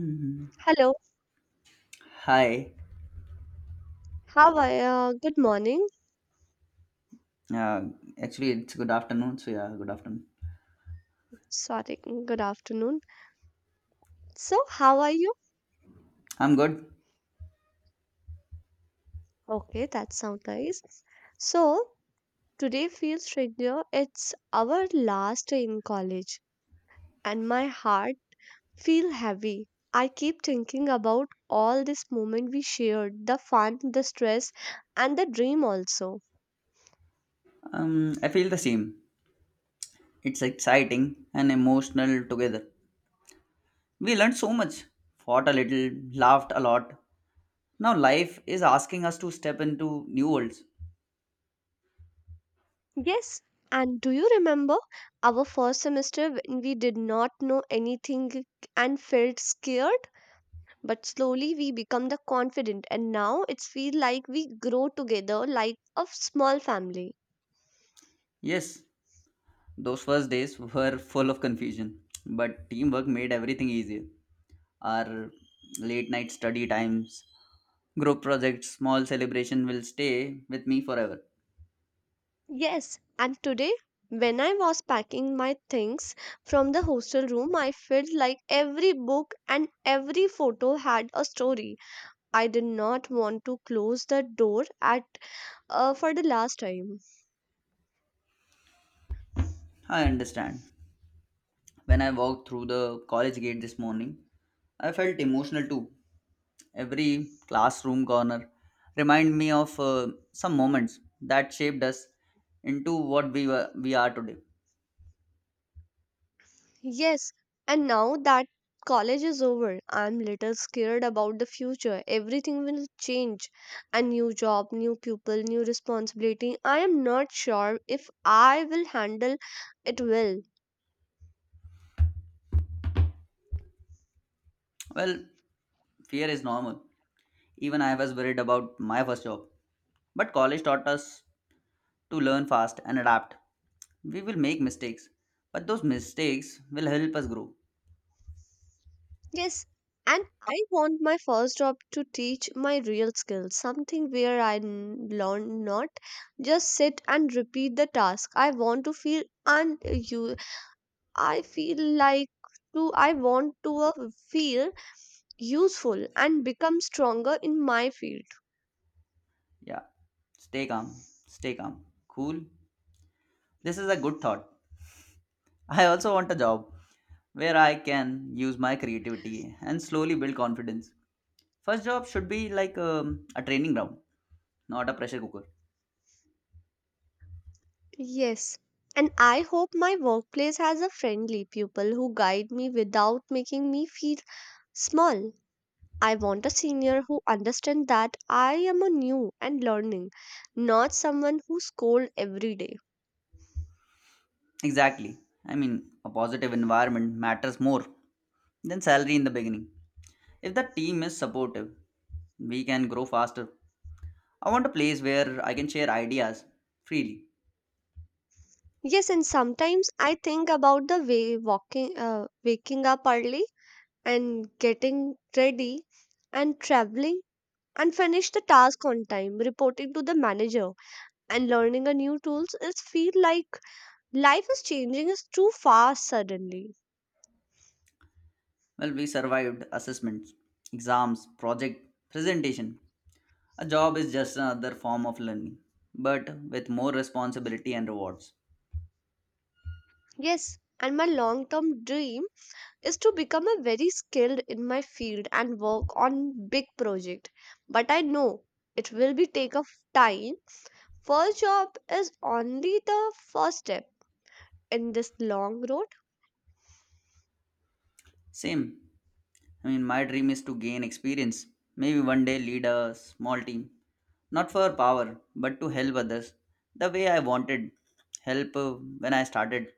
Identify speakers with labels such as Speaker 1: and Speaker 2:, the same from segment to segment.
Speaker 1: Mhm.
Speaker 2: Hello,
Speaker 1: Hi.
Speaker 2: how are you? Good morning.
Speaker 1: Uh, actually, it's good afternoon. So yeah, good afternoon.
Speaker 2: Sorry, good afternoon. So, how are you?
Speaker 1: I'm good.
Speaker 2: Okay, that sounds nice. So, today feels regular. It's our last day in college, and my heart feel heavy. I keep thinking about all this moment we shared, the fun, the stress, and the dream also.
Speaker 1: I feel the same. It's exciting and emotional together. We learned so much, fought a little, laughed a lot. Now life is asking us to step into new worlds.
Speaker 2: Yes, and do you remember our first semester when we did not know anything and felt scared? But slowly we become the confident and now it's feel like we grow together like a small family.
Speaker 1: Yes, those first days were full of confusion, but teamwork made everything easier. Our late night study times, group projects, small celebration will stay with me forever.
Speaker 2: Yes, and today when I was packing my things from the hostel room, I felt like every book and every photo had a story. I did not want to close the door at for the last time.
Speaker 1: I understand. When I walked through the college gate this morning, I felt emotional too. Every classroom corner reminded me of some moments that shaped us into what we are today.
Speaker 2: Yes, and now that college is over, I'm little scared about the future. Everything will change. A new job, new people, new responsibility. I am not sure if I will handle it well.
Speaker 1: Well, fear is normal. Even I was worried about my first job. But college taught us to learn fast and adapt. We will make mistakes, but those mistakes will help us grow.
Speaker 2: Yes, and I want my first job to teach my real skills, something where learn, not just sit and repeat the task. I want to feel and you I feel like to I want to feel useful and become stronger in my field.
Speaker 1: Yeah, stay calm. Cool. This is a good thought. I also want a job where I can use my creativity and slowly build confidence. First job should be like a training ground, not a pressure cooker.
Speaker 2: Yes. And I hope my workplace has a friendly people who guide me without making me feel small. I want a senior who understands that I am a new and learning, not someone who scolds every day.
Speaker 1: Exactly. I mean, a positive environment matters more than salary in the beginning. If the team is supportive, we can grow faster. I want a place where I can share ideas freely.
Speaker 2: Yes, and sometimes I think about the waking up early and getting ready and traveling and finish the task on time, reporting to the manager and learning a new tools is feel like life is changing is too fast suddenly.
Speaker 1: Well, we survived assessments, exams, project, presentation. A job is just another form of learning, but with more responsibility and rewards.
Speaker 2: Yes, and my long term dream is to become a very skilled in my field and work on big project, but I know it will be take of time. First job is only the first step in this long road.
Speaker 1: Same. I mean, my dream is to gain experience. Maybe one day lead a small team. Not for power, but to help others. The way I wanted help when I started.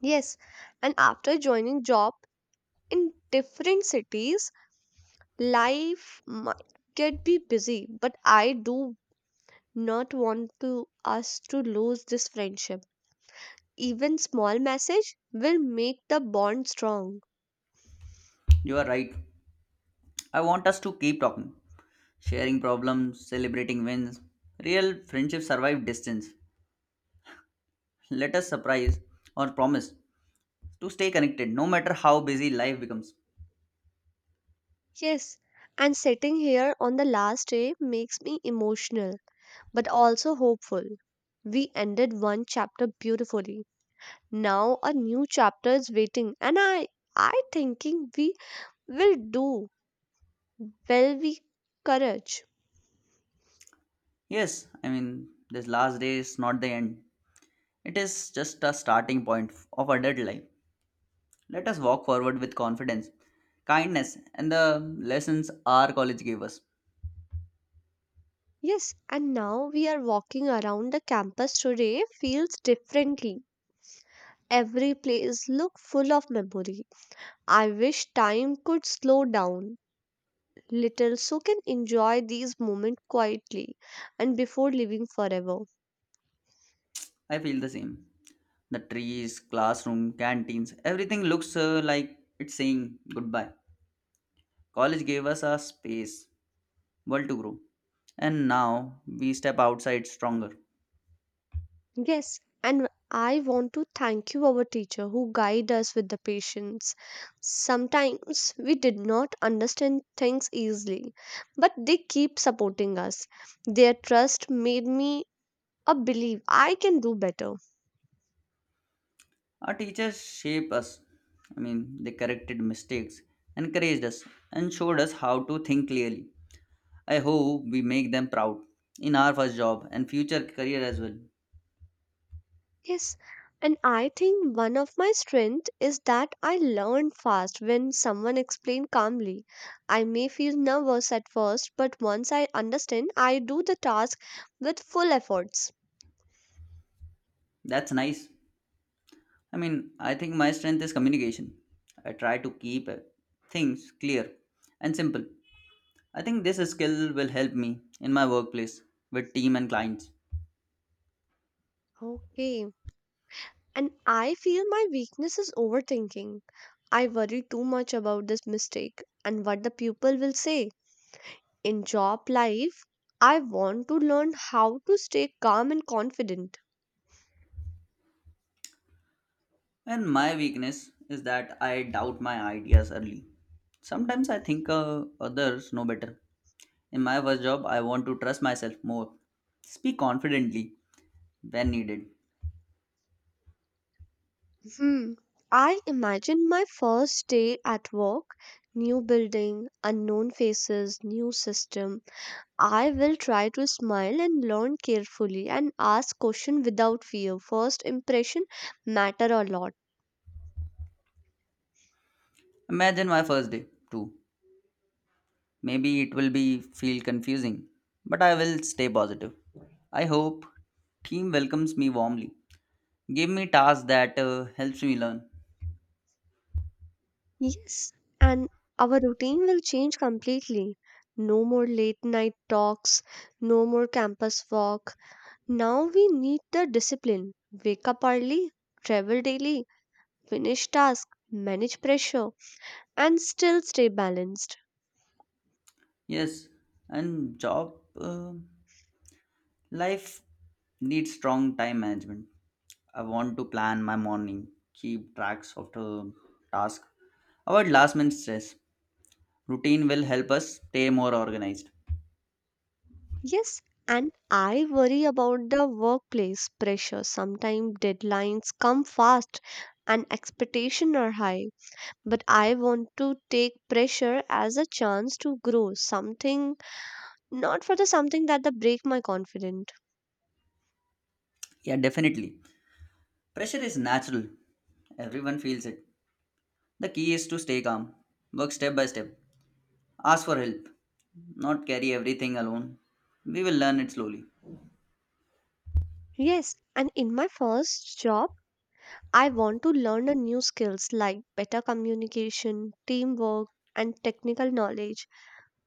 Speaker 2: Yes, and after joining job in different cities, life might get be busy, but I do not want to us to lose this friendship. Even small message will make the bond strong.
Speaker 1: You are right. I want us to keep talking, sharing problems, celebrating wins. Real friendships survive distance. Let us surprise or promise to stay connected no matter how busy life becomes.
Speaker 2: Yes, and sitting here on the last day makes me emotional but also hopeful. We ended one chapter beautifully. Now a new chapter is waiting and I thinking we will do well, we courage.
Speaker 1: Yes, I mean, this last day is not the end, it is just a starting point of adult life. Let us walk forward with confidence, kindness, and the lessons our college gave us.
Speaker 2: Yes, and now we are walking around the campus today feels differently. Every place looked full of memory. I wish time could slow down little so can enjoy these moments quietly and before leaving forever.
Speaker 1: I feel the same. The trees, classroom, canteens, everything looks like it's saying goodbye. College gave us a space, world to grow, and now we step outside stronger.
Speaker 2: Yes, and I want to thank you our teacher who guide us with the patience. Sometimes we did not understand things easily, but they keep supporting us. Their trust made me a believe I can do better.
Speaker 1: Our teachers shaped us. I mean, they corrected mistakes, encouraged us, and showed us how to think clearly. I hope we make them proud in our first job and future career as well.
Speaker 2: Yes, and I think one of my strength is that I learn fast when someone explains calmly. I may feel nervous at first, but once I understand, I do the task with full efforts.
Speaker 1: That's nice. I mean, I think my strength is communication. I try to keep things clear and simple. I think this skill will help me in my workplace with team and clients.
Speaker 2: Okay. And I feel my weakness is overthinking. I worry too much about this mistake and what the people will say. In job life, I want to learn how to stay calm and confident.
Speaker 1: And my weakness is that I doubt my ideas early. Sometimes I think others know better. In my first job, I want to trust myself more, speak confidently when needed.
Speaker 2: Hmm. I imagine my first day at work, new building, unknown faces, new system. I will try to smile and learn carefully and ask questions without fear. First impression matter a lot.
Speaker 1: Imagine my first day, too. Maybe it will be feel confusing, but I will stay positive. I hope team welcomes me warmly. Give me tasks that helps me learn.
Speaker 2: Yes, and our routine will change completely. No more late night talks, no more campus walk. Now we need the discipline. Wake up early, travel daily, finish task, manage pressure, and still stay balanced.
Speaker 1: Yes, and job uh, life needs strong time management. I want to plan my morning, keep tracks of the task, avoid last minute stress. Routine will help us stay more organized.
Speaker 2: Yes, and I worry about the workplace pressure. Sometimes deadlines come fast and expectations are high, but I want to take pressure as a chance to grow something, not for the something that the break my confidence.
Speaker 1: Yeah, definitely. Pressure is natural. Everyone feels it. The key is to stay calm, work step by step, ask for help, not carry everything alone. We will learn it slowly.
Speaker 2: Yes, and in my first job, I want to learn a new skills like better communication, teamwork, and technical knowledge.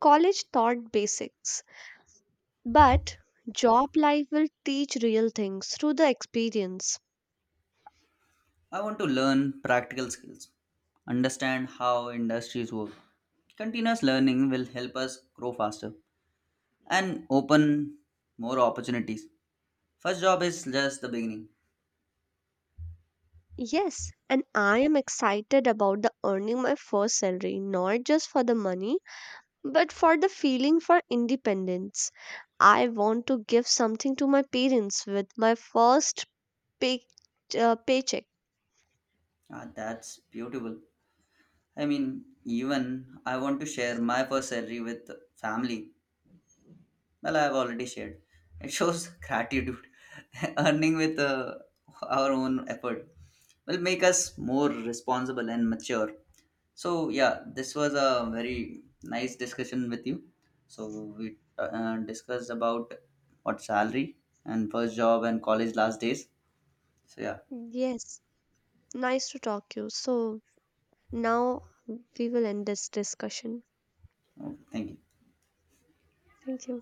Speaker 2: College taught basics. But job life will teach real things through the experience.
Speaker 1: I want to learn practical skills, understand how industries work. Continuous learning will help us grow faster and open more opportunities. First job is just the beginning.
Speaker 2: Yes, and I am excited about the earning my first salary, not just for the money, but for the feeling for independence. I want to give something to my parents with my first pay, paycheck.
Speaker 1: Ah, that's beautiful. I mean, even I want to share my first salary with family. Well, I have already shared. It shows gratitude. Earning with our own effort will make us more responsible and mature. So, yeah, this was a very nice discussion with you. So, we discussed about what salary and first job and college last days. So, yeah,
Speaker 2: Yes, nice to talk to you. So now we will end this discussion.
Speaker 1: okay, thank you.
Speaker 2: Thank you.